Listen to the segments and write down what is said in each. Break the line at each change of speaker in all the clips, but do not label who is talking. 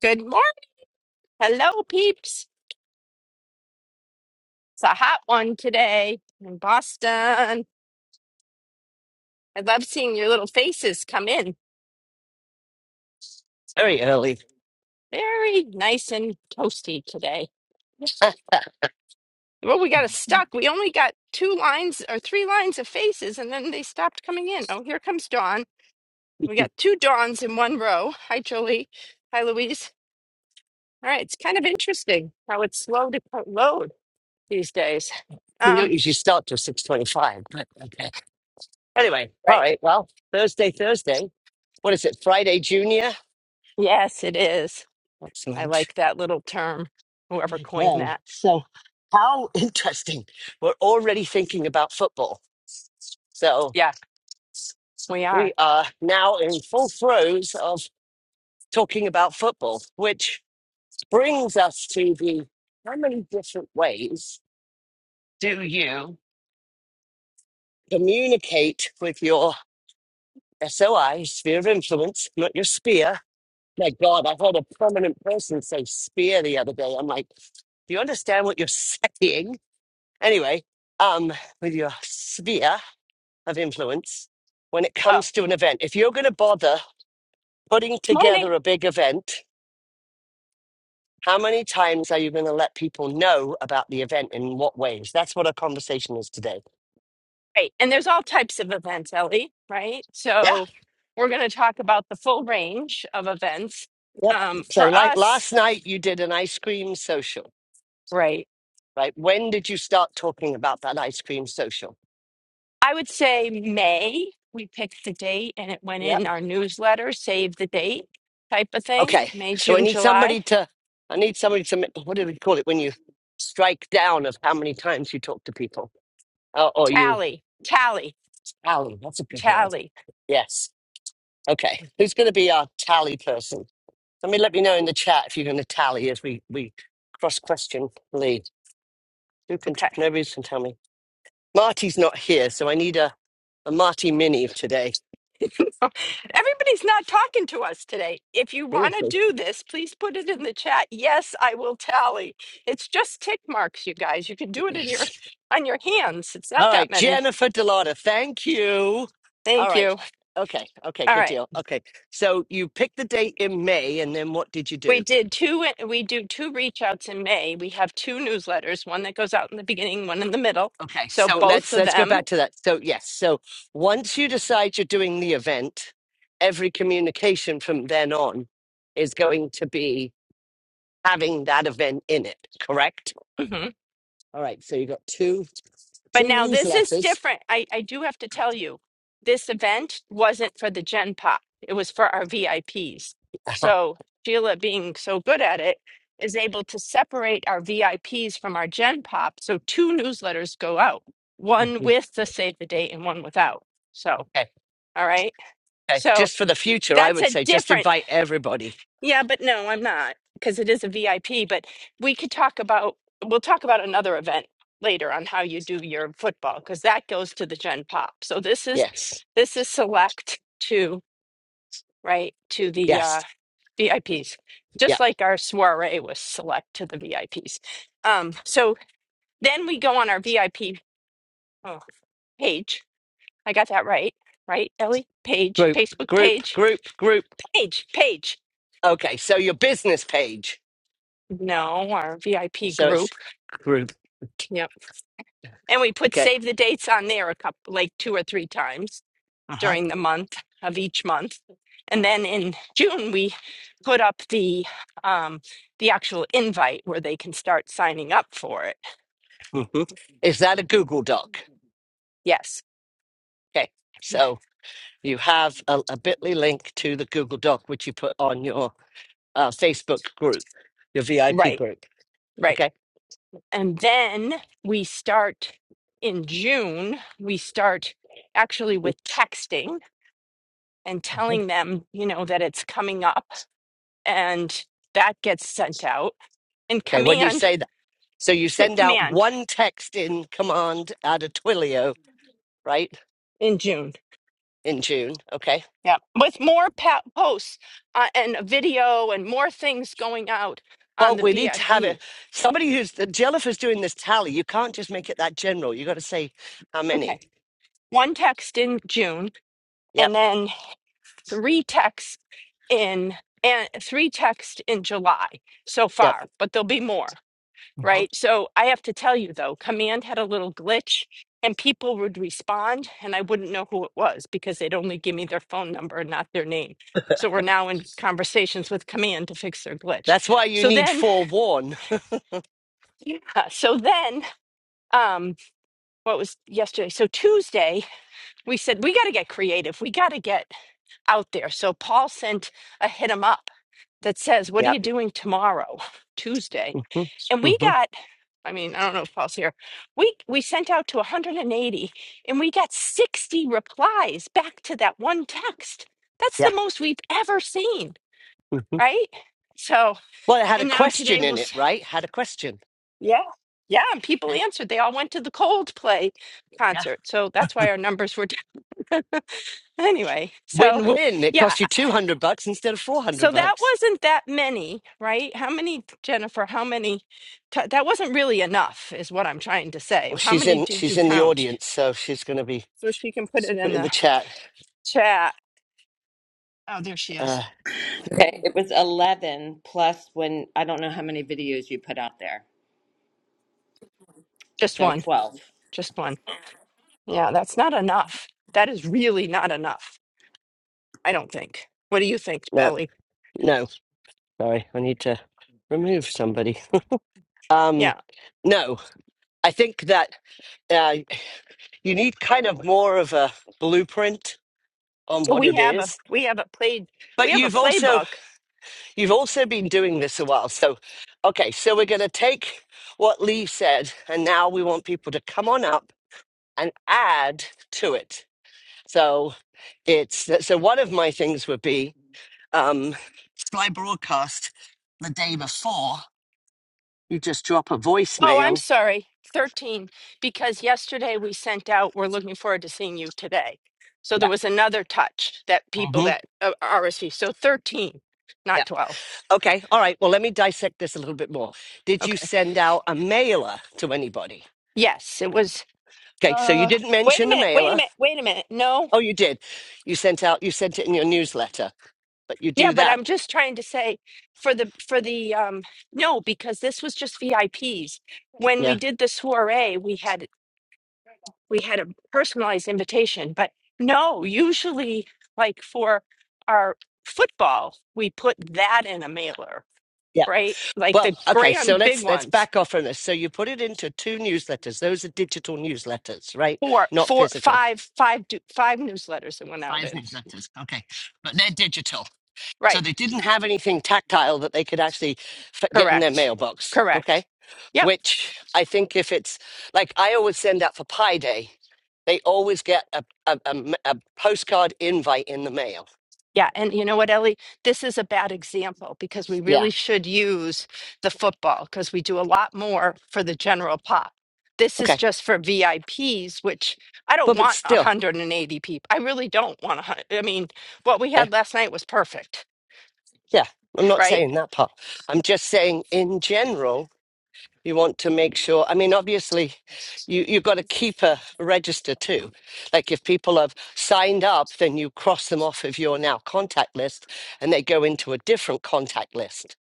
Good morning. Hello, peeps. It's a hot one today in Boston. I love seeing your little faces come in.
very early.
Very nice and toasty today. Well, we got us stuck. We only got two lines or three lines of faces, and then they stopped coming in. Oh, here comes Dawn. We got two Dawns in one row. Hi, Jolie. Hi, Louise. All right, it's kind of interesting how it's slow to co- load these days.
We
Um,
don't usually start till six twenty-five, but okay. Anyway, all
right.
right. Well, Thursday, Thursday. What is it? Friday Junior.
Yes, it is. I
Excellent.
like that little term. Whoever
Okay.
coined that.
So, how interesting. We're already thinking about football. So
Yes, we are.
we are now in full throes of talking about football, which brings us to the how many different ways do you communicate with your SOI, sphere of influence, not your spear, My God, I heard a prominent person say spear the other day. I'm like, do you understand what you're saying? Anyway, um, with your sphere of influence, when it
Oh,
comes to an event, if you're going to bother putting
morning.
together a big event, how many times are you going to let people know about the event and in what ways? That's what our conversation is today.
Right. And there's all types of events, Ellie, right?
Yeah.
So we're going to talk about the full range of events.
Yep.
Um,
So,
for
like
us,
last night, you did an ice cream social,
right,
right? When did you start talking about that ice cream social?
I would say May, we picked the date and it went in our newsletter, save the date type of thing.
Okay,
May,
so I
June,
need somebody
July.
to, I need somebody to, ma- what do we call it when you strike down of how many times you talk to people? Oh, or you
Tally, tally,
tally, that's a good word.
tally.
Yes. Okay, who's going to be our tally person? I mean, let me know in the chat if you're going to tally as we, we cross question lead. Who can, t-
okay?
nobody can tell me. Marty's not here, so I need a, a Marty mini today.
Everybody's not talking to us today. If you want to do this, please put it in the chat. Yes, I will tally. It's just tick marks, you guys. You can do it in your on your hands. It's not
All
that
right,
many.
Jennifer Delotta, thank you. All
Thank
right.
you.
Okay. Okay.
All
Good
right.
deal. Okay. So you picked the date in May, and then what did you
We
do?
did two we do two reach outs in May. We have two newsletters, one that goes out in the beginning, one in the middle.
Okay.
So
So
both
let's
of
let's go
them.
back to that. So yes. So once you decide you're doing the event, every communication from then on is going to be having that event in it. Correct.
mm-hmm.
All right. So you got two
But
two
now this is
newsletters.
different. I, I do have to tell you, this event wasn't for the Gen Pop. It was for our VIPs.
Uh-huh.
So Sheila being so good at it is able to separate our VIPs from our Gen Pop. So two newsletters go out, one
Mhm.
with the save the date and one without. So,
Okay.
all right.
okay.
So
Just for the future, I
that's
would
a
say just
different
invite everybody.
yeah, but no, I'm not because it is a VIP. But we could talk about, we'll talk about another event later on how you do your football because that goes to the Gen Pop. So this is,
Yes.
this is select to, right, to the uh,
Yes.
VIPs,
Yeah.
just like our soiree was select to the VIPs. Um, so then we go on our VIP oh, page. I got that right, right, Ellie? Page,
Group,
Facebook
group,
page,
group, group.
page, page.
Okay, so your business page.
No, our VIP
So it's
group.
Group.
Yep. And we put
okay.
save the dates on there a couple, like two or three times
Uh huh.
during the month of each month. And then in June, we put up the um, the actual invite where they can start signing up for it.
hmm Is that a Google Doc?
Yes,
Okay,
Yeah.
so you have a, a Bitly link to the Google Doc which you put on your uh, Facebook group, your VIP
right,
group.
right.
Okay,
And then we start in June. We start actually with texting and
Mhm.
telling them, you know, that it's coming up, and that gets sent out. And
okay. When you
command,
say that, so you
sit
send out
command
one text in command out of Twilio, right?
in June
In June, okay
Yeah, with more pa- posts uh, and a video and more things going out on
Well,
the
we need to have
VIP.
it. Somebody who's the geographer's doing this tally. You can't just make it that general. You got to say how many.
Okay, one text in June
Yep,
and then three texts in and three texts in July so
yep.
far, but there'll be more,
Mhm.
right? So I have to tell you though, Command had a little glitch and people would respond and I wouldn't know who it was because they'd only give me their phone number and not their name. So we're now in conversations with Command to fix their glitch.
That's why you
So
need
then
forewarn.
Yeah. So then, um, what was yesterday? So Tuesday, we said we got to get creative. We got to get out there. So Paul sent a hit 'em up that says, "What are you
Yep.
doing tomorrow, Tuesday?"
hmm
And we
hmm
got, I mean, I don't know if Paul's here. We we sent out to 180, and eighty, and we got 60 replies back to that one text. That's the
Yeah.
most we've ever seen,
hmm
right? So,
Well, it had a
and now today
question
we'll
in it, right? Had a question.
Yeah. Yeah, and people
Mhm.
answered. They all went to the Coldplay
Yeah.
concert. So that's why our numbers were down. anyway. So,
Win-win. It
yeah.
cost you two hundred bucks instead of four hundred
So that
bucks.
wasn't that many, right? How many, Jennifer? How many? T- that wasn't really enough, is what I'm trying to say.
Well,
How
she's
many
in.
did you
She's in the
count?
audience, so she's going to be
So she can put it
put
in
in the
the
chat.
chat. Oh, there she is.
Uh,
Okay, it was 11 plus when I don't know how many videos you put out there.
Just
So
one.
12.
Just one. Yeah, that's not enough. That is really not enough, I don't think. What do you think,
no,
Ellie?
no. Sorry, I need to remove somebody.
Yeah.
Um, no, I think that. uh, you need kind of more of a blueprint on
So
what
we
it
have a
is.
we have a played we
But
have a
you've also
playbook.
you've also been doing this a while. So okay, so we're gonna take what Lee said and now we want people to come on up and add to it. So it's so one of my things would be um Sky Broadcast the day before you just drop a
Oh, I'm
voicemail.
sorry, thirteen. Because yesterday we sent out. We're looking forward to seeing you today. So
Yeah.
there was another touch that people
hmm
that uh, RSV. So thirteen, not twelve.
Okay. All right. Well, let me dissect this a little bit more. Did you
Okay.
send out a mailer to anybody?
Yes, it was.
Okay. So you
Uh,
didn't
wait a
mention the
minute. Wait a
mailer.
minute. Wait a minute. No.
Oh, you did. You sent out, you sent it in your newsletter, but you
Yeah,
do
but
that.
I'm just trying to say for the for the um no because this was just VIPs. When we
Yeah.
did the soiree, we had we had a personalized invitation. But no, usually, like for our football, we put that in a mailer,
Yeah.
right? Like
Well,
the
okay. So
grand big
let's, let's
ones.
back off from this. So you put it into two newsletters. Those are digital newsletters, right?
Four,
Not
four,
physical.
five, five, du- five newsletters that went out
Five
in.
newsletters. Okay. But they're digital. So
Right.
they didn't have anything tactile that they could actually f- get in their
Correct.
mailbox. Okay.
Correct. Yep.
which I think if it's like I always send out for Pi Day, they always get a, a, a m- a postcard invite in the mail.
Yeah, and you know what, Ellie? This is a bad example because we
Yeah.
really should use the football because we do a lot more for the general pop. This is
Okay.
just for VIPs, which I don't
But, but
want
still,
180 people. I really don't want to. I mean, what we
okay.
had last night was perfect,
Yeah. I'm not
right?
saying that part. I'm just saying in general, you want to make sure. I mean, obviously, you, you've got to keep a register too. Like if people have signed up, then you cross them off of your now contact list and they go into a different contact list.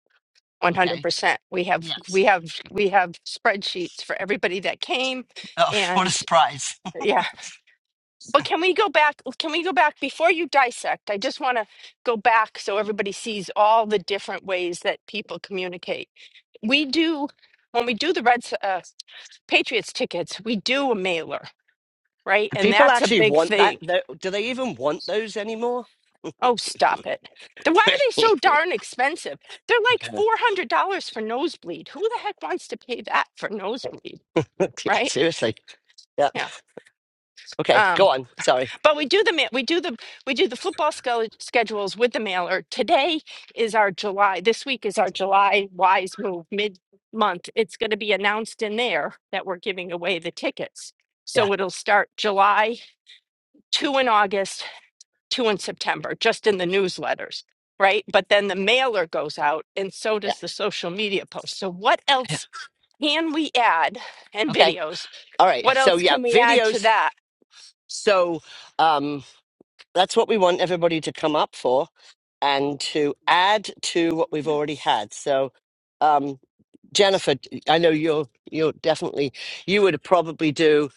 Okay.
100%. We have
Yes.
we have we have spreadsheets for everybody that came
Oh, what a
and
surprise.
yeah, But can we go back? Can we go back before you dissect? I just want to go back so everybody sees all the different ways that people communicate. We do, when we do the Reds, uh, Patriots tickets, we do a mailer, right? And
People
that's a
actually
big
want that.
thing.
tho- Do they even want those anymore?
Oh, stop it. Then why are they so
yeah,
darn expensive? They're like $400 for nosebleed. Who the heck wants to pay that for nosebleed, right?
seriously. Yeah.
Yeah.
Okay,
um,
go on. Sorry.
But we do the ma- we do the we do the football scho- schedules with the mailer. Today is our July. This week is our July wise move mid month. It's going to be announced in there that we're giving away the tickets.
Yeah,
So it'll start July two in August, two in September, just in the newsletters, right? But then the mailer goes out, and so
yeah,
does the social media post. So what
yeah.
else can we add? And
Okay.
videos.
All right.
What
So
else
yeah,
can we add to
videos.
that?
So um, that's what we want everybody to come up for and to add to what we've already had. So um, Jennifer, I know you're you're definitely you would probably do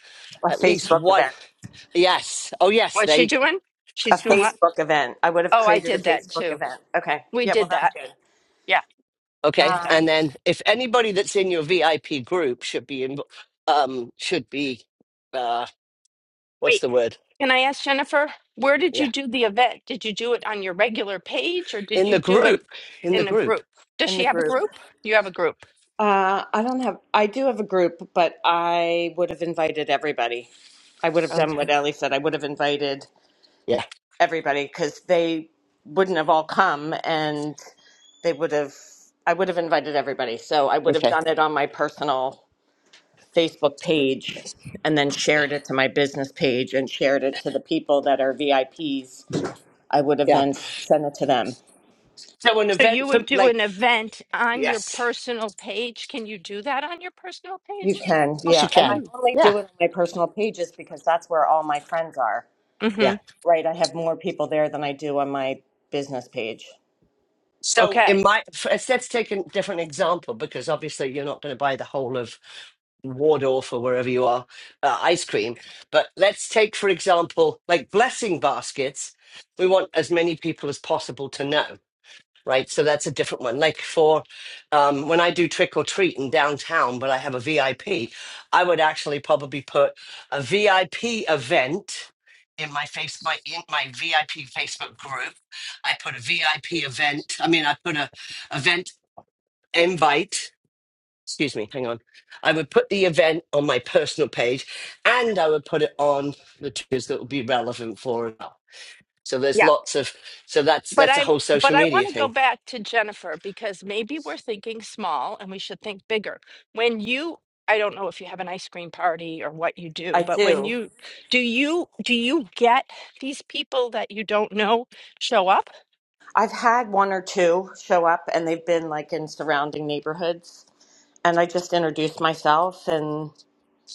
A
at least
Facebook
one.
event.
Yes. Oh yes.
What's she
They.
doing?
A
She's doing what?
Facebook event. I would have
Oh, I
created a
did that
Facebook
too.
event. Okay.
We
Yeah, well
did
that's
that.
good.
Yeah, we
Okay,
did that.
Um
and then if anybody that's in your VIP group should be in, um, should be, uh, what's
Wait,
the word?
can I ask Jennifer, where did you
Yeah,
do the event? Did you do it on your regular page or did
in the
you do it
group, in the
in a
group.
group? Does
in
she
the
have a
group.
group? You have a group.
Uh I don't have I do have a group, but I would have invited everybody. I would have
Oh.
done what Ellie said. I would have invited
Yeah.
everybody cuz they wouldn't have all come and they would have I would have invited everybody. So I would have
Okay.
done it on my personal Facebook page and then shared it to my business page and shared it to the people that are VIPs, I Ps, I would have
Yeah.
then sent it to them.
So an
So
event
you
for
would do
like
an event on your
yes,
personal page. Can you do that on your personal
You
page?
can,
of course
yeah.
you
And I
can.
only
Yeah.
do it on my personal pages because that's where all my friends are,
Mm-hmm.
Yeah.
right? I have more people there than I do on my business page.
So in
Okay.
my f- let's let's take a different example because obviously you're not going to buy the whole of Wardorf or wherever you are uh, ice cream. But let's take for example like blessing baskets. We want as many people as possible to know. right? So that's a different one. Like for um, when I do trick or treat in downtown, but I have a VIP, I P, I would actually probably put a VIP event in my face my in my VIP Facebook group. I put a VIP event. I mean, I put a event invite. Excuse me, hang on. I would put the event on my personal page and I would put it on the twos that would be relevant for it. So there's lots of so that's
But
that's a
I'm
whole
but
social
I want
media
to go
thing.
back to Jennifer because maybe we're thinking small and we should think bigger. When you I don't know if you have an ice cream party or what you
I
do, but when
do.
you do you do you get these people that you don't know show up?
I've had one or two show up and they've been like in surrounding neighborhoods. And I just introduce myself and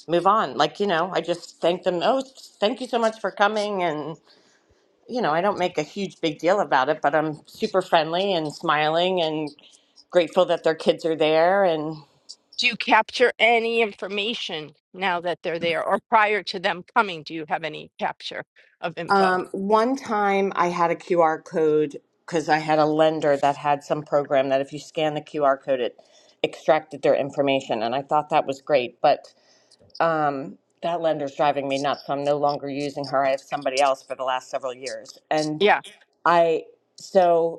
move on. Like, you know, I just thank them. Oh, thank you so much for coming. and. you know, I don't make a huge big deal about it, but I'm super friendly and smiling and grateful that their kids are there. And
Do you capture any information now that they're there or prior to them coming? Do you have any capture of info?
um, one time I had a QR code because I had a lender that had some program that if you scan the QR code, it extracted their information. And I thought that was great. But um, that lender's driving me nuts. So I'm no longer using her. I have somebody else for the last several years. And
Yeah,
I, so.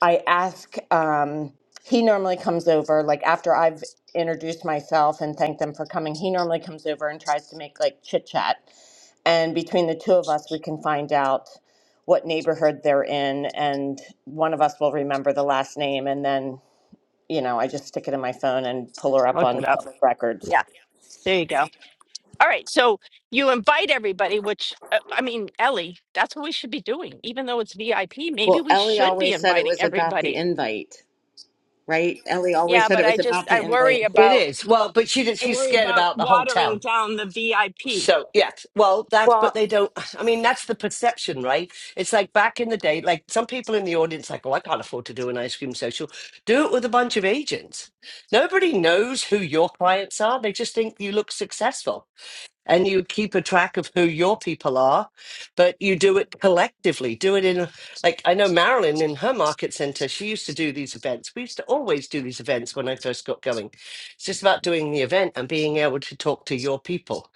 I ask, um, he normally comes over, like after I've introduced myself and thanked them for coming, he normally comes over and tries to make like chit chat. And between the two of us, we can find out what neighborhood they're in, and one of us will remember the last name. And then, you know, I just stick it in my phone and pull her up
look
on
it up.
public records.
Yeah, there you go. All right, so you invite everybody, which uh, I mean, Ellie, that's what we should be doing. Even though it's VIP, maybe
Well,
we
Ellie
should be
always said it
inviting
was about the
everybody.
invite, right? Ellie always
Yeah,
said
but
it
I
was
just
about the
I worry
invite.
It
about
is. Well, but she
I
she's
worry
scared
about
about the whole
watering
town.
down the VIP
So yes. Well, that's but
Well,
they don't I mean that's the perception, right? It's like back in the day, like some people in the audience like, Oh, I can't afford to do an ice cream social. Do it with a bunch of agents. Nobody knows who your clients are. They just think you look successful and you keep a track of who your people are, but you do it collectively. Do it in, a- like, I know Marilyn in her market center, she used to do these events. We used to always do these events when I first got going. It's just about doing the event and being able to talk to your people.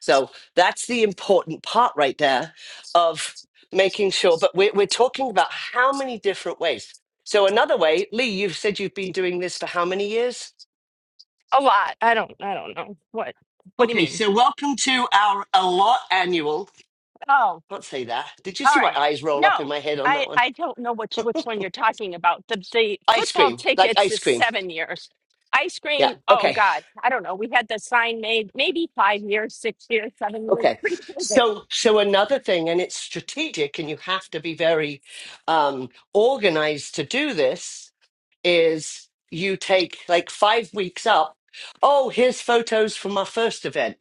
So that's the important part right there of making sure. But we're, we're talking about how many different ways. So, another way, Lee, you've said you've been doing this for how many years?
a lot. I don't I don't know what what do you
Okay,
mean?
so welcome to our a lot annual.
Oh,
Can't say that. Did you
All
see my
right.
eyes roll up in
No,
my head on that
I
one?
I don't know which which one you're talking about. The the
Ice
football
cream, like
tickets
ice
is
cream.
seven years. Ice
Yeah.
cream, oh
Okay.
God, I don't know. We had the sign made maybe five years, six years, seven years,
Okay.
pretty COVID.
So, so another thing, and it's strategic, and you have to be very um, organized to do this. Is you take like five weeks up. Oh, here's photos from our first event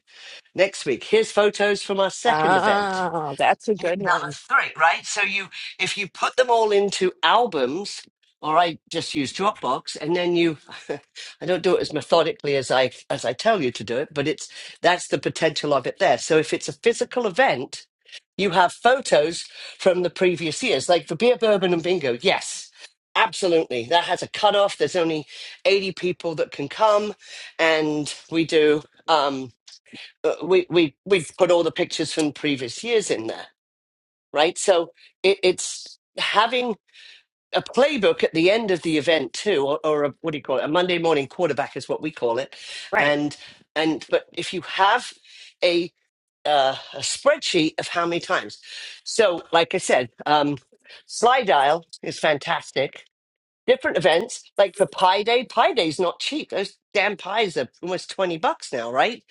next week. Here's photos from our second event
Oh, that's a
Yeah,
good
That
one.
was three, right? So you, if you put them all into albums, or I just use Dropbox, and then you, I don't do it as methodically as I as I tell you to do it, but it's that's the potential of it there. So if it's a physical event, you have photos from the previous years, like for beer, bourbon, and bingo. Yes, absolutely. That has a cutoff. There's only eighty people that can come, and we do. Um, uh, we we we put all the pictures from previous years in there right? So it, it's having a playbook at the end of the event too, or, or a, what do you call it? A Monday morning quarterback is what we call it.
Right.
And and but if you have a uh, a spreadsheet of how many times, so like I said, um, slide dial is fantastic. Different events like for Pi Day. Pi Day's not cheap. Those damn pies are almost twenty bucks now, right?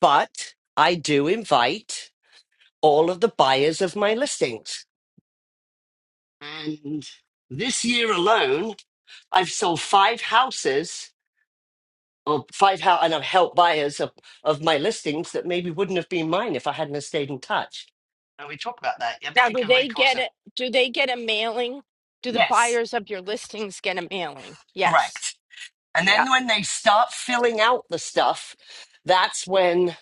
But I do invite all of the buyers of my listings And this year alone, I've sold five houses or five house and I've helped buyers of, of my listings that maybe wouldn't have been mine if I hadn't have stayed in touch. And we talk about that. I
Now,
think
do
everybody
they
calls
get
them.
it? Do they get a mailing? Do the
Yes,
buyers of your listings get a mailing? Yes.
correct. And
Yeah.
then when they start filling out the stuff, that's when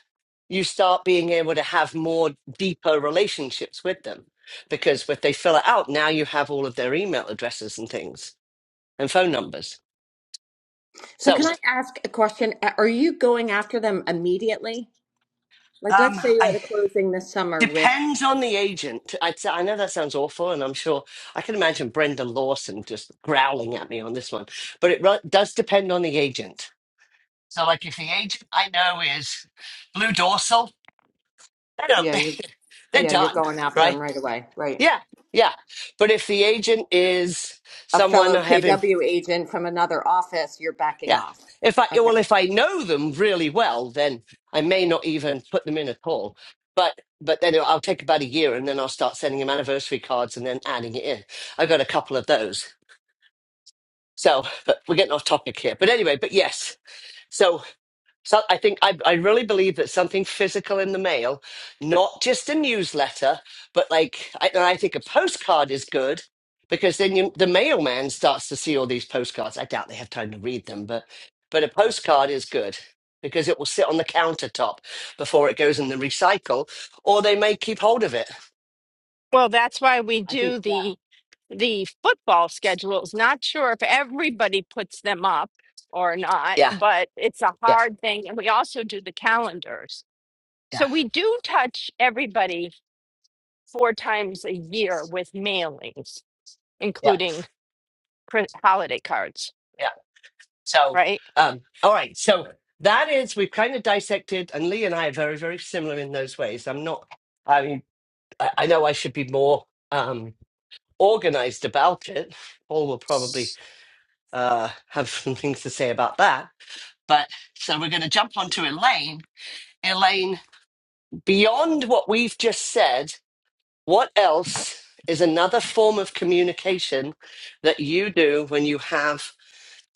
you start being able to have more deeper relationships with them. Because if they fill it out, now you have all of their email addresses and things and phone numbers.
So
So
can I ask a question? A- Are you going after them immediately? Like,
um,
let's say you're
I
at a closing this summer with,
Depends on the agent. I'd say, I know that sounds awful, and I'm sure I can imagine Brendan Lawson just growling at me on this one, but it ru- does depend on the agent. So, like, if the agent I know is Blue Dorsal, they don't,
yeah, you're,
they're
yeah, you're
done,
going after them
right?
right away, right?
Yeah, yeah. But if the agent is
A
someone
fellow
I have in
KW agent from another office, you're backing
Yeah.
off.
If I
Okay.
well, if I know them really well, then I may not even put them in at all. But but then I'll take about a year, and then I'll start sending them anniversary cards, and then adding it in. I got a couple of those. So, but we're getting off topic here. But anyway, but yes. So so I think I, I really believe that something physical in the mail, not just a newsletter, but like I, and I think a postcard is good because then you, the mailman starts to see all these postcards. I doubt they have time to read them, but but a postcard is good because it will sit on the countertop before it goes in the recycle, or they may keep hold of it.
Well, that's why we
I
do
think that
the the football schedules. Not sure if everybody puts them up or not,
yeah
but it's a
yeah
hard thing. And we also do the calendars.
yeah
So we do touch everybody four times a year with mailings,
yeah yeah.
including cri- holiday cards,
So,
right?
um, all right. So that is we've kind of dissected, and Lee and I are very, very similar in those ways. I'm not. I mean, I, I know I should be more um, organized about it. Paul will probably uh, have some things to say about that. But so we're going to jump onto Elaine. Elaine, beyond what we've just said. What else is another form of communication that you do when you have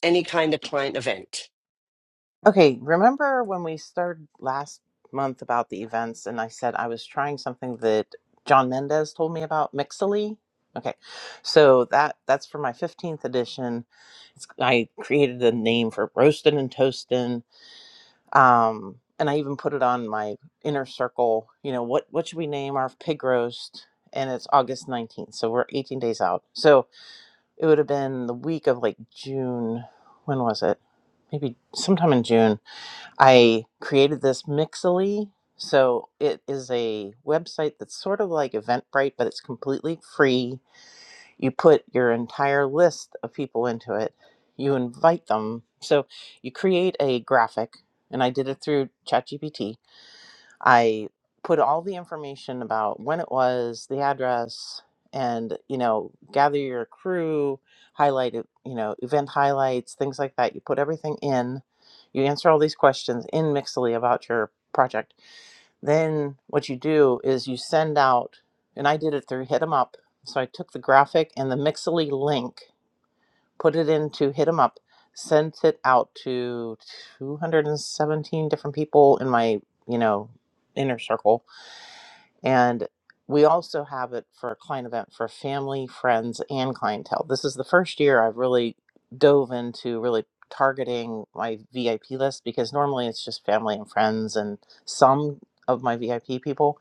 any kind of client event?
Okay, remember when we started last month about the events and I said I was trying something that John Mendez told me about Mixily? Okay. So that that's for my 15th edition. It's, I created a name for roasting and toasting. Um and I even put it on my inner circle, you know, what what should we name our pig roast? And it's August 19th. So we're 18 days out. So it would have been the week of like June, when was it? Maybe sometime in June I created this Mixly, So it is a website that's sort of like Eventbrite, but it's completely free. You put your entire list of people into it, you invite them. So you create a graphic, and I did it through ChatGPT I put all the information about when it was, the address, and you know, gather your crew, highlight it, you know, event highlights, things like that. You put everything in. You answer all these questions in Mixly about your project. Then what you do is you send out, and I did it through Hit 'em Up. So I took the graphic and the Mixly link, put it into Hit 'em Up, sent it out to 217 different people in my, you know, inner circle and we also have it for a client event for family, friends, and clientele. This is the first year I've really dove into really targeting my VIP list because normally it's just family and friends and some of my VIP people.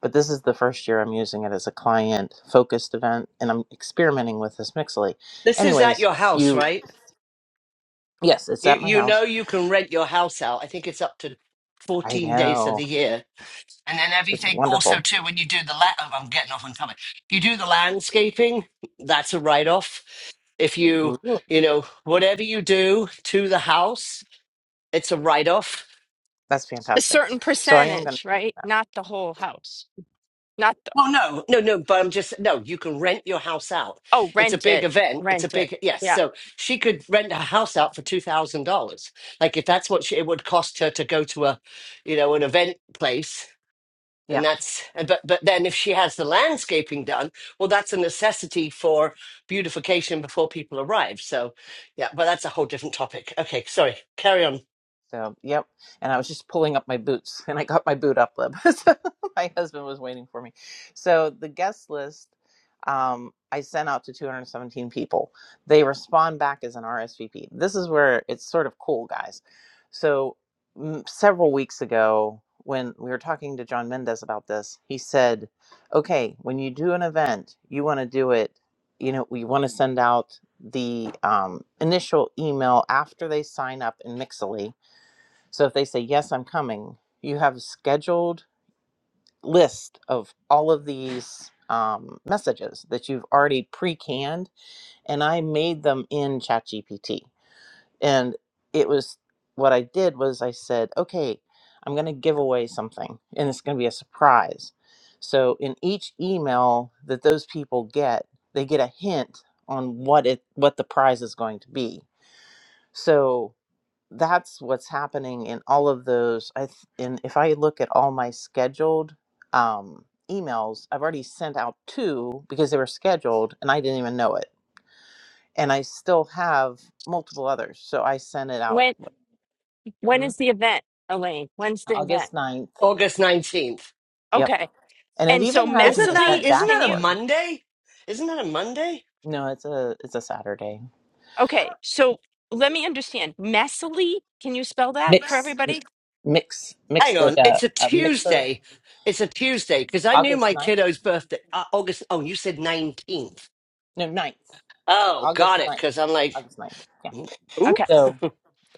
But this is the first year I'm using it as a client focused event and I'm experimenting with this Mixly.
This is at
Anyways,
your house,
you,
right?
yes, it's
You
at my
you know
house.
you can rent your house out. I think it's up to
I
14 days of
know.
the year. And then
It's
everything also
wonderful.
too when you do the la- oh, I'm getting off on topic. If you do the landscaping, that's a write off. If you
Ooh,
you know whatever you do to the house, it's a write off.
that's
A
fantastic.
certain
So I am going to.
percentage, right? Not the whole house. Not the,
Well, no, no, no. But I'm just no. You can rent your house out.
oh,
It's a
rent
big
it,
event. It's a
rent it.
big yes.
Yeah.
So she could rent her house out for two thousand dollars. Like if that's what she, it would cost her to go to a, you know, an event place
yeah.
and that's and but but then if she has the landscaping done well that's a necessity for beautification before people arrive so yeah but that's a whole different topic okay sorry carry on
So, yep. And I was just pulling up my boots and I got my boot up lib. so my husband was waiting for me. So the guest list um, I sent out to 217 people. They respond back as an RSVP. This is where it's sort of cool, guys. So mm, several weeks ago, when we were talking to John Mendez about this, he said, okay, when you do an event, you want to do it, you know, we want to send out the um, initial email after they sign up in Mixily so if they say, Yes, I'm coming, you have a scheduled list of all of these um, messages that you've already pre canned. And I made them in ChatGPT. And it was what I did was I said, Okay, I'm going to give away something and it's going to be a surprise. So in each email that those people get, they get a hint on what it what the prize is going to be. So that's what's happening in all of those i th- and if i look at all my scheduled um emails i've already sent out two because they were scheduled and i didn't even know it and i still have multiple others so i sent it out
When when
hmm,
is the event, Elaine? When's the event?
august ninth.
august 19th
yep
Okay.
and it
And so
even has an
isn't that
messily,
event
isn't
can
that a
you?
dashboard
monday isn't that a monday
no it's a it's a saturday
Okay, so let me understand. Messily, can you spell that for
mix
everybody?
mix mix
hang on
like a,
it's a
a mixer
tuesday it's a tuesday because i knew
august
my
ninth.
kiddo's birthday uh, august oh you said 19th
no ninth
oh got
august
it
ninth
because i'm like
august ninth. yeah
ooh
Okay.
so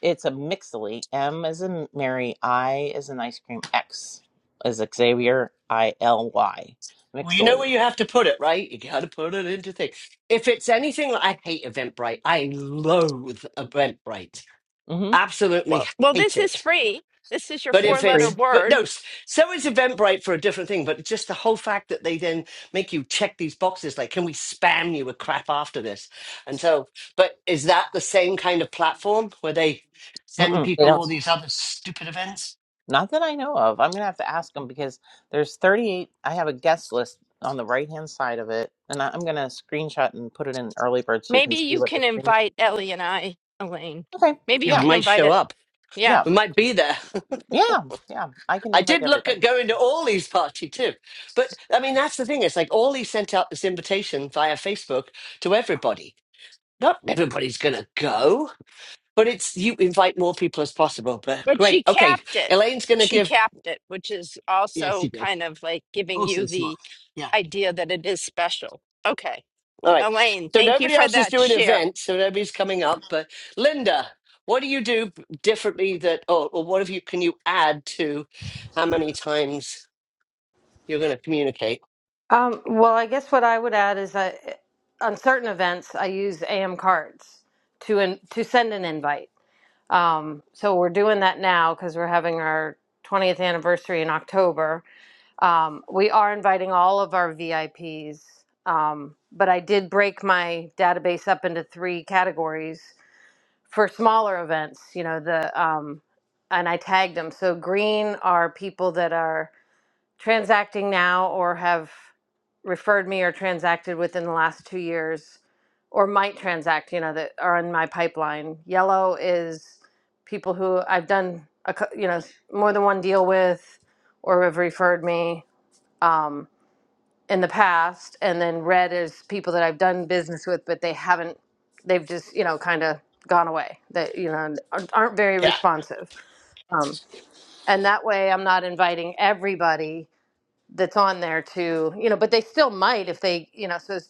It's a Mixly. M is in Mary. I is in ice cream. X is Xavier. I L Y.
Well, you know
Mixly.
where you have to put it, right? You got to put it into things. If it's anything like I hate Eventbrite, I loathe Eventbrite,
Mm-hmm.
Well,
absolutely
well, this
hate
is
it.
free. This is your
But
It's
if
four-letter
free.
it's, but
word.
no, s- so is Eventbrite for a different thing. But just the whole fact that they then make you check these boxes, like, can we spam you with crap after this? And so, but is that the same kind of platform where they send
Mm-mm. They
people
don't.
all these other stupid events?
Not that I know of. I'm gonna have to ask them because there's 38. I have a guest list on the right hand side of it, and I- I'm gonna screenshot and put it in early bird so you
Maybe
can see
you
what the
can
screen.
invite Ellie and I, Elaine.
Okay.
Maybe
Yeah,
you
we
Yeah.
can
might
invite
show
it.
up.
Yeah,
Yeah.
We might be there.
Yeah. Yeah. I can
I
invite
did look
everybody.
at going to Ollie's party too. But I mean, that's the thing. It's like Ollie sent out this invitation via Facebook to everybody. Not everybody's going to go, but it's you invite more people as possible. But
but she
great. Okay.
capped it.
Elaine's going to
She
give.
capped it, which is
Yes,
also
she did.
kind of like giving you
Also smart.
the
Yeah.
idea that it is special. Okay.
All right.
Elaine,
So
thank you
nobody
for
else is
that
doing
share.
events. So nobody's coming up. But Linda, what do you do differently that, or, or what have you, can you add to how many times you're going to communicate?
Um, well, I guess what I would add is that on certain events, I use AM cards to in, to send an invite. Um, so we're doing that now because we're having our 20th anniversary in October. Um, we are inviting all of our VIPs, um, but I did break my database up into three categories for smaller events. You know the um, and I tagged them. So green are people that are transacting now or have referred me or transacted within the last two years or might transact, you know, that are in my pipeline. Yellow is people who I've done, a, cou- you know, s- more than one deal with or have referred me um, in the past. And then red is people that I've done business with, but they haven't, they've just, you know, kind of gone away that, you know, aren't aren't very
Yeah.
responsive. Um, and that way I'm not inviting everybody that's on there too, you know, but they still might if they, you know, so it's,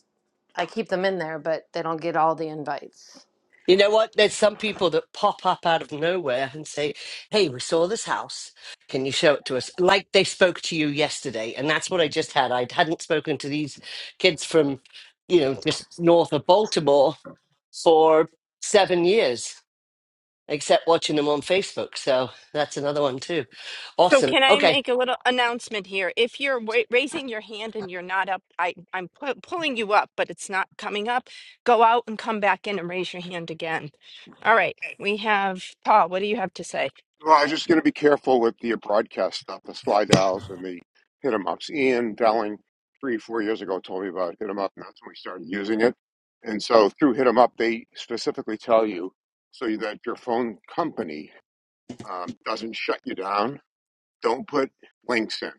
I keep them in there, but they don't get all the invites.
You know what? There's some people that pop up out of nowhere and say, Hey, we saw this house. Can you show it to us? Like they spoke to you yesterday. And that's what I just had. I hadn't spoken to these kids from, you know, just north of Baltimore for seven years, except watching them on Facebook. So that's another one too.
So
Awesome.
can I
Okay.
make a little announcement here? If you're wa- raising your hand and you're not up, I, I'm pu- pulling you up, but it's not coming up. Go out and come back in and raise your hand again. All right, we have Paul. What do you have to say?
Well, I'm just going to be careful with the broadcast stuff, the slide dials and the hit 'em ups. Ian Dowling, three, four years ago, told me about hit 'em up, and that's when we started using it. And so through hit 'em up, they specifically tell you so that your phone company um, doesn't shut you down. Don't put links in.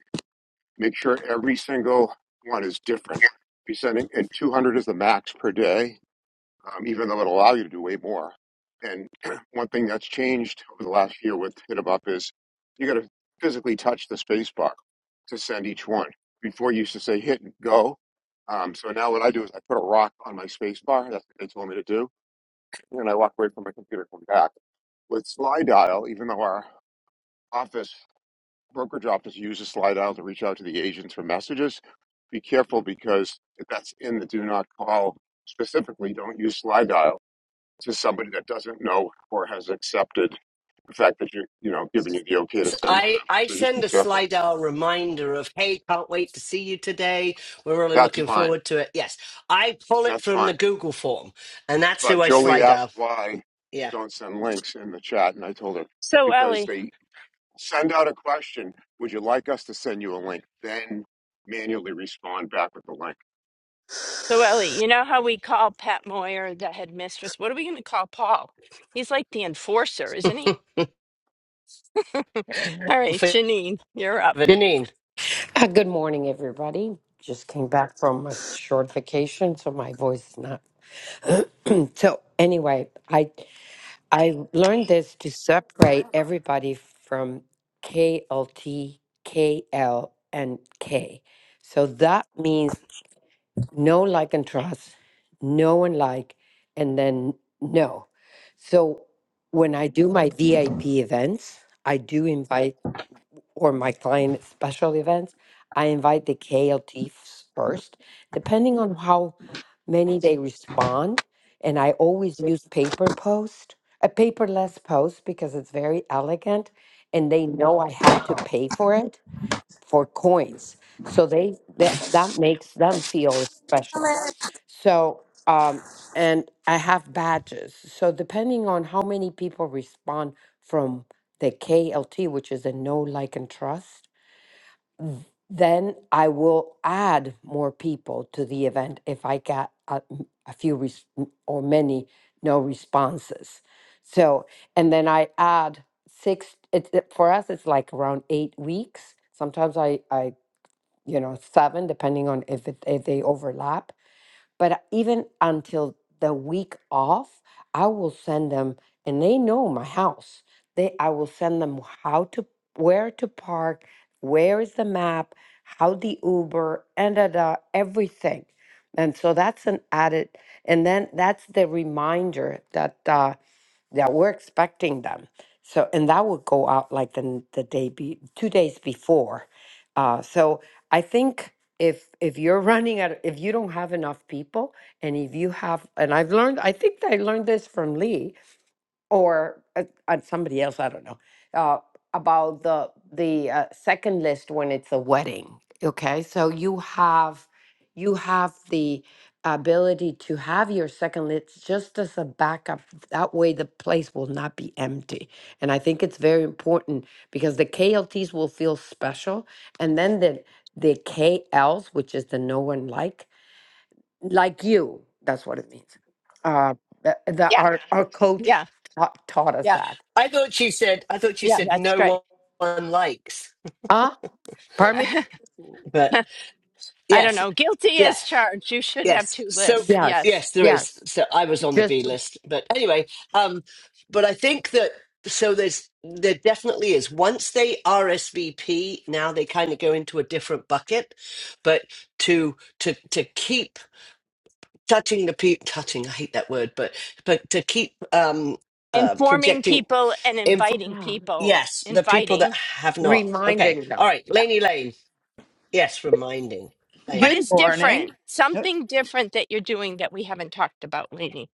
Make sure every single one is different. Be sending, and 200 is the max per day um, even though it'll allow you to do way more. And one thing that's changed over the last year with Hit 'em Up is you got to physically touch the space bar to send each one. Before you used to say hit and go. Um, so now what I do is I put a rock on my space bar. That's what they told me to do. And I walk away from my computer and come back. With slide dial, even though our office brokerage office uses slide dial to reach out to the agents for messages, be careful because if that's in the do not call specifically, don't use slide dial to somebody that doesn't know or has accepted the fact that you're, you know, giving you the okay to
So
send to
I
them.
I
So just be
send a
careful.
Slidell reminder of hey, can't wait to see you today. We're really
That's
looking
fine.
forward to it. Yes, I pull it
That's
from the
fine.
Google form, and that's
But
who I
Jolie asked
Slidell.
why
Yeah,
don't send links in the chat, and I told her
So
because
Ellie,
they send out a question. Would you like us to send you a link? Then manually respond back with the link.
so Ellie, you know how we call Pat Moyer the headmistress? What are we going to call Paul? He's like the enforcer, isn't he? All
For-
right,
for
Janine, you're up.
Janine.
Uh, Good morning, everybody. Just came back from a short vacation, so my voice is not. so anyway, I I learned this to separate everybody from K L T K L and K. So that means no like and trust, no and like, and then no. So when I do my VIP events, I do invite or my client at special events, I invite the KLTs first, depending on how many they respond. And I always use paper post, a paperless post because it's very elegant and they know I had to pay for it for coins. So they that that makes them feel special. So um and I have badges. So depending on how many people respond from the KLT, which is a no like and trust, then I will add more people to the event if I get a, a few res- or many no responses. So, and then I add six, it, it- for us, it's like around eight weeks. Sometimes I, I, you know, seven, depending on if, it, if they overlap but uh, even until the week off, I will send them, and they know my house. They, I will send them how to, where to park, where is the map, how the Uber, and da, da, everything. And so that's an added, and then that's the reminder that uh, yeah, we're expecting them. So, and that would go out like the n- the day be two days before. Uh, so I think if if you're running out, if you don't have enough people, and if you have, and I've learned, I think I learned this from Lee or uh, uh, somebody else, I don't know, uh, about the the uh, second list when it's a wedding. Okay, so you have you have the ability to have your second list just as a backup. That way, the place will not be empty, and I think it's very important because the KLTs will feel special, and then the the KLs, which is the no one like like you. That's what it means. Uh, the, the
Yeah,
our our coach
yeah,
taught, taught us
yeah,
that.
I thought you said I thought you
yeah.
said
That's great.
no one likes,
Huh? Pardon me?
I
but
don't
yes,
know. Guilty
yeah.
as charged. You should have
Yes.
two
So
lists.
Yes.
Yes.
yes, there is.
Yes.
So I was on the B
Just
list, but anyway, um, but I think that so there's there definitely is. Once they RSVP, now they kind of go into a different bucket. But to to to keep touching the pe touching, I hate that word, but but to keep um uh
informing
projecting
people and
info.
inviting
yeah.
people
Yes, the people that
inviting
have not. Okay,
Reminding
all
them.
right,
Yeah.
Laney Lane. Yes, reminding Lane.
what
Good
is
morning.
different something different that you're doing that we haven't talked about Lainey.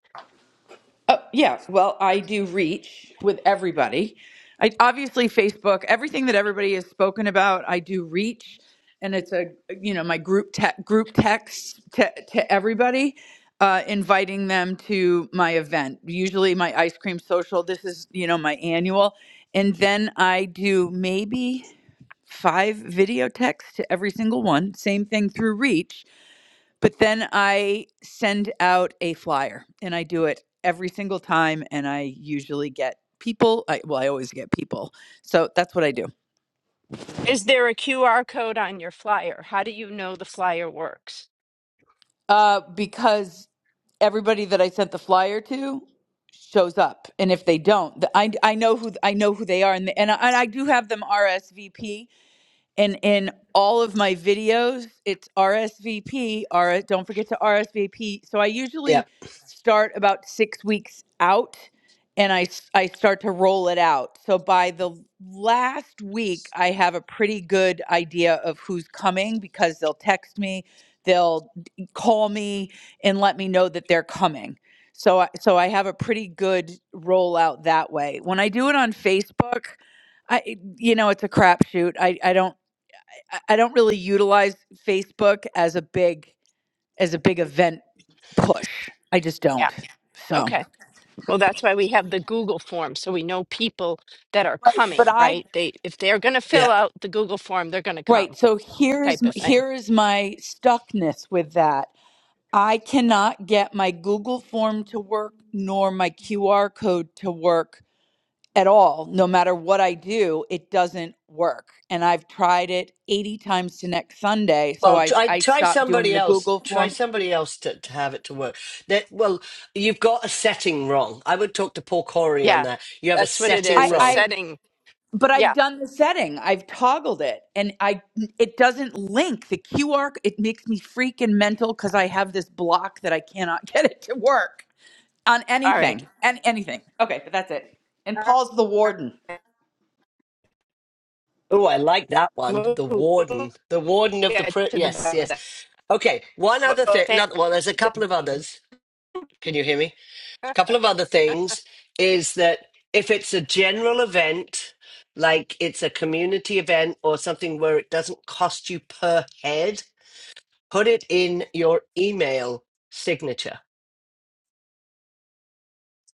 Oh, yeah, well, I do reach with everybody. I obviously Facebook, everything that everybody has spoken about, I do reach and it's a you know, my group te- group text to to everybody uh inviting them to my event. Usually my ice cream social, this is, you know, my annual and then I do maybe five video texts to every single one, same thing through reach but then I send out a flyer and I do it every single time and I usually get people I well I always get people. So that's what I do.
is there a qr code on your flyer how do you know the flyer works
Uh because everybody that I sent the flyer to shows up and if they don't, the- I I know who I know who they are and the, and I, and I do have them RSVP and in all of my videos it's rsvp don't forget to rsvp so i usually
Yep.
start about six weeks out and I, s- I start to roll it out so by the last week i have a pretty good idea of who's coming because they'll text me they'll d- call me and let me know that they're coming so I, so i have a pretty good rollout that way when i do it on facebook I, you know, it's a crapshoot. I, I don't I I don't really utilize Facebook as a big as a big event push. I just
yeah
don't. So
okay well that's why we have the google form so we know people that are
right, but
coming
I
right they if they're going to fill
Yep.
out the google form they're going to come
right. So here's
type
m-
of thing
here is my stuckness with that. I cannot get my Google form to work nor my QR code to work at all. No matter what I do, it doesn't work. And I've tried it 80 times to next Sunday, so
Well,
I
try
I
try
stopped doing
somebody
the
else.
Google
Try
form.
somebody else to, to have it to work. That well, you've got a setting wrong. I would talk to Paul Corey on
yeah
that. You have a
that's what it
setting
is
I
a
wrong.
I
setting
but
yeah
I've done the setting. I've toggled it and I it doesn't link the QR it makes me freaking mental cuz I have this block that I cannot get it to work on
all right
anything. And anything. Okay, but that's it. And
All
Paul's the
right.
warden.
Oh, I like that one.
We'll
The
we'll
warden, the warden of the
get
pri-
to the
yes,
bottom of
yes.
that.
Okay, one other
Well,
thing.
thank you.
Another, well, there's a couple
Good
of
name.
others. Can you hear me? couple of other things is that if it's a general event, like it's a community event or something where it doesn't cost you per head, put it in your email signature.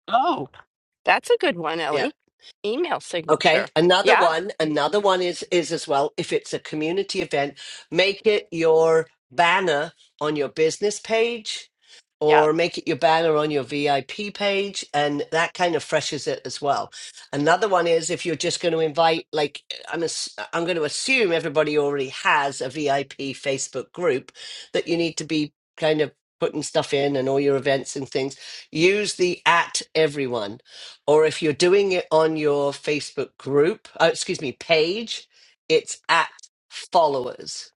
Oh, that's a good one,
Yeah.
Ellie. Email
Okay.
signature.
Another
Yeah,
one, another one is is as well if it's a community event, make it your banner on your business page
yeah,
or make it your banner on your VIP page and that kind of freshens it as well. Another one is if you're just going to invite like I'm ass- I'm going to assume everybody already has a VIP Facebook group that you need to be kind of putting stuff in and all your events and things use the at everyone or if you're doing it on your Facebook group, uh, excuse me, page, it's at followers.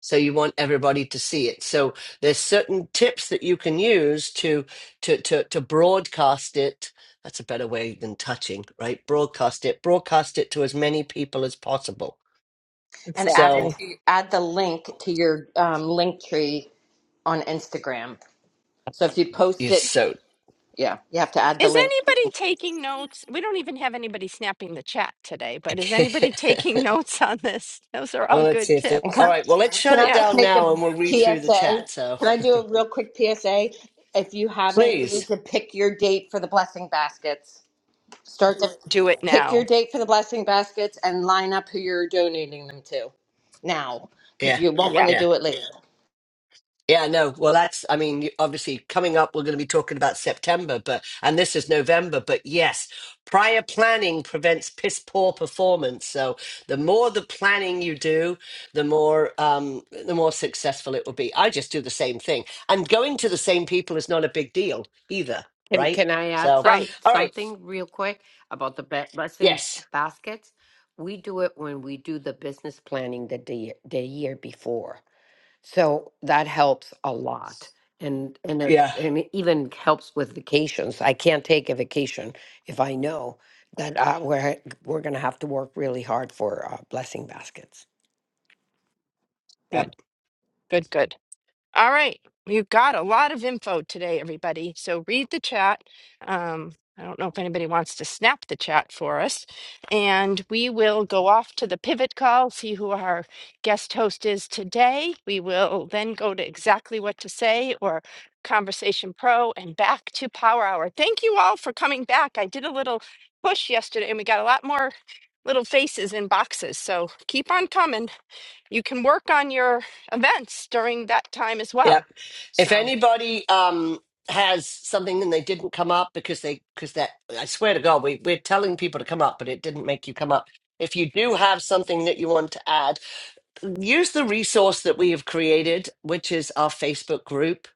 So you want everybody to see it. So there's certain tips that you can use to to to to broadcast it. That's a better way than touching, right? Broadcast it, broadcast it to as many people as possible.
And add it
exactly.
So
to, add the link to your um, link tree on Instagram. So if you post
you're
it,
so.
yeah, you have to add the
Is
link.
anybody taking notes? We don't even have anybody snapping the chat today, but is anybody taking notes on this? Those are
well,
all
let's see
good
if the.
And can
tips.
All right. Well,
I,
let's
can
shut
I
it
Yeah,
just
down
make a
now, and we'll read through the
PSA?
chat. So
Can I do a real quick PSA? If you haven't, you need
please,
to pick your date for the blessing baskets. Start to
do it
pick your
now.
date for the blessing baskets and line up who you're donating them to now, because
yeah,
you won't want
Yeah,
to
yeah.
do it later.
Yeah, no. Well, that's, I mean, you- obviously coming up, we're going to be talking about September, but, and this is November, but yes, prior planning prevents piss poor performance. So the more the planning you do, the more, um, the more successful it will be. I just do the same thing. And going to the same people is not a big deal either,
Can
right?
can I add
So,
some
right.
all right.
something real quick about the ba- blessing
Yes.
baskets? We do it when we do the business planning the day the year before. So that helps a lot. And and it
Yeah.
and it even helps with vacations. I can't take a vacation if I know that uh, we're we're going to have to work really hard for uh, blessing baskets.
Yep.
Good, good, good. All right. We've got a lot of info today, everybody. So read the chat. Um, I don't know if anybody wants to snap the chat for us. And we will go off to the pivot call, see who our guest host is today. We will then go to exactly what to say or Conversation Pro and back to Power Hour. Thank you all for coming back. I did a little push yesterday and we got a lot more little faces in boxes. So keep on coming you can work on your events during that time as
Yep.
well.
If
So,
anybody um has something and they didn't come up because they because that I swear to God, we we're telling people to come up, but it didn't make you come up. If you do have something that you want to add, use the resource that we have created, which is our Facebook group,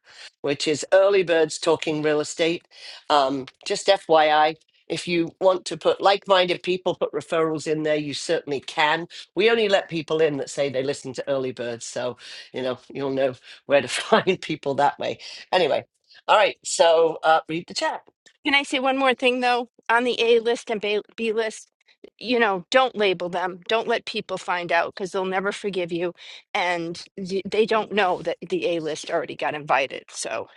which is Early Birds Talking Real Estate. Um, just FYI, if you want to put like minded people, put referrals in there, you certainly can. We only let people in that say they listen to Early Birds. So, you know, you'll know where to find people that way. Anyway, all right. So uh, read the chat.
can I say one more thing though? On the A list and B B list, you know, don't label them. Don't let people find out because they'll never forgive you. And y- they don't know that the A list already got invited. So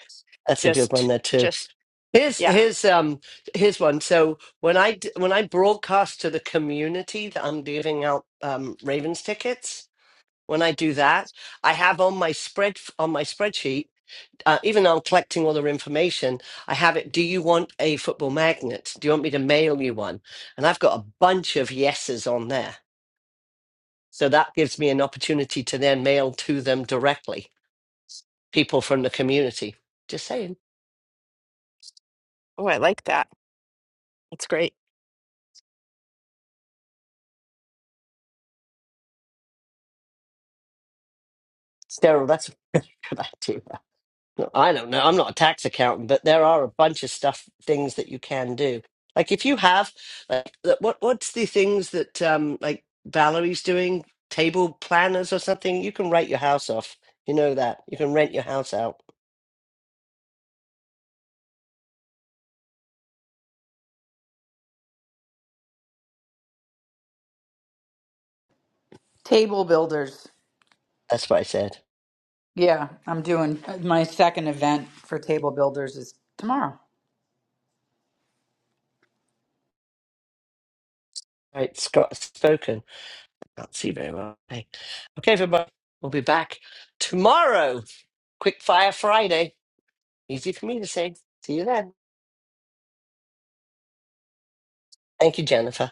That's a good one
just,
there, too.
just,
Here's
yeah.
here's um here's one. So when I d- when I broadcast to the community that I'm giving out um, Ravens tickets, when I do that, I have on my spread on my spreadsheet. Uh, even though I'm collecting all their information, I have it. Do you want a football magnet? Do you want me to mail you one? And I've got a bunch of yeses on there. So that gives me an opportunity to then mail to them directly, people from the community. Just saying.
Oh, I like that. That's great.
Daryl, that's a good idea. I don't know. I'm not a tax accountant, but there are a bunch of stuff things that you can do. Like if you have like the- what what's the things that um like Valerie's doing, table planners or something, you can write your house off. You know that. You can rent your house out.
Table builders.
That's what I said.
Yeah, I'm doing my second event for table builders is tomorrow.
Right, Scott spoken. Can't see very well. Okay, okay everybody. We'll be back tomorrow. Quick fire Friday. Easy for me to say. See you then. Thank you, Jennifer.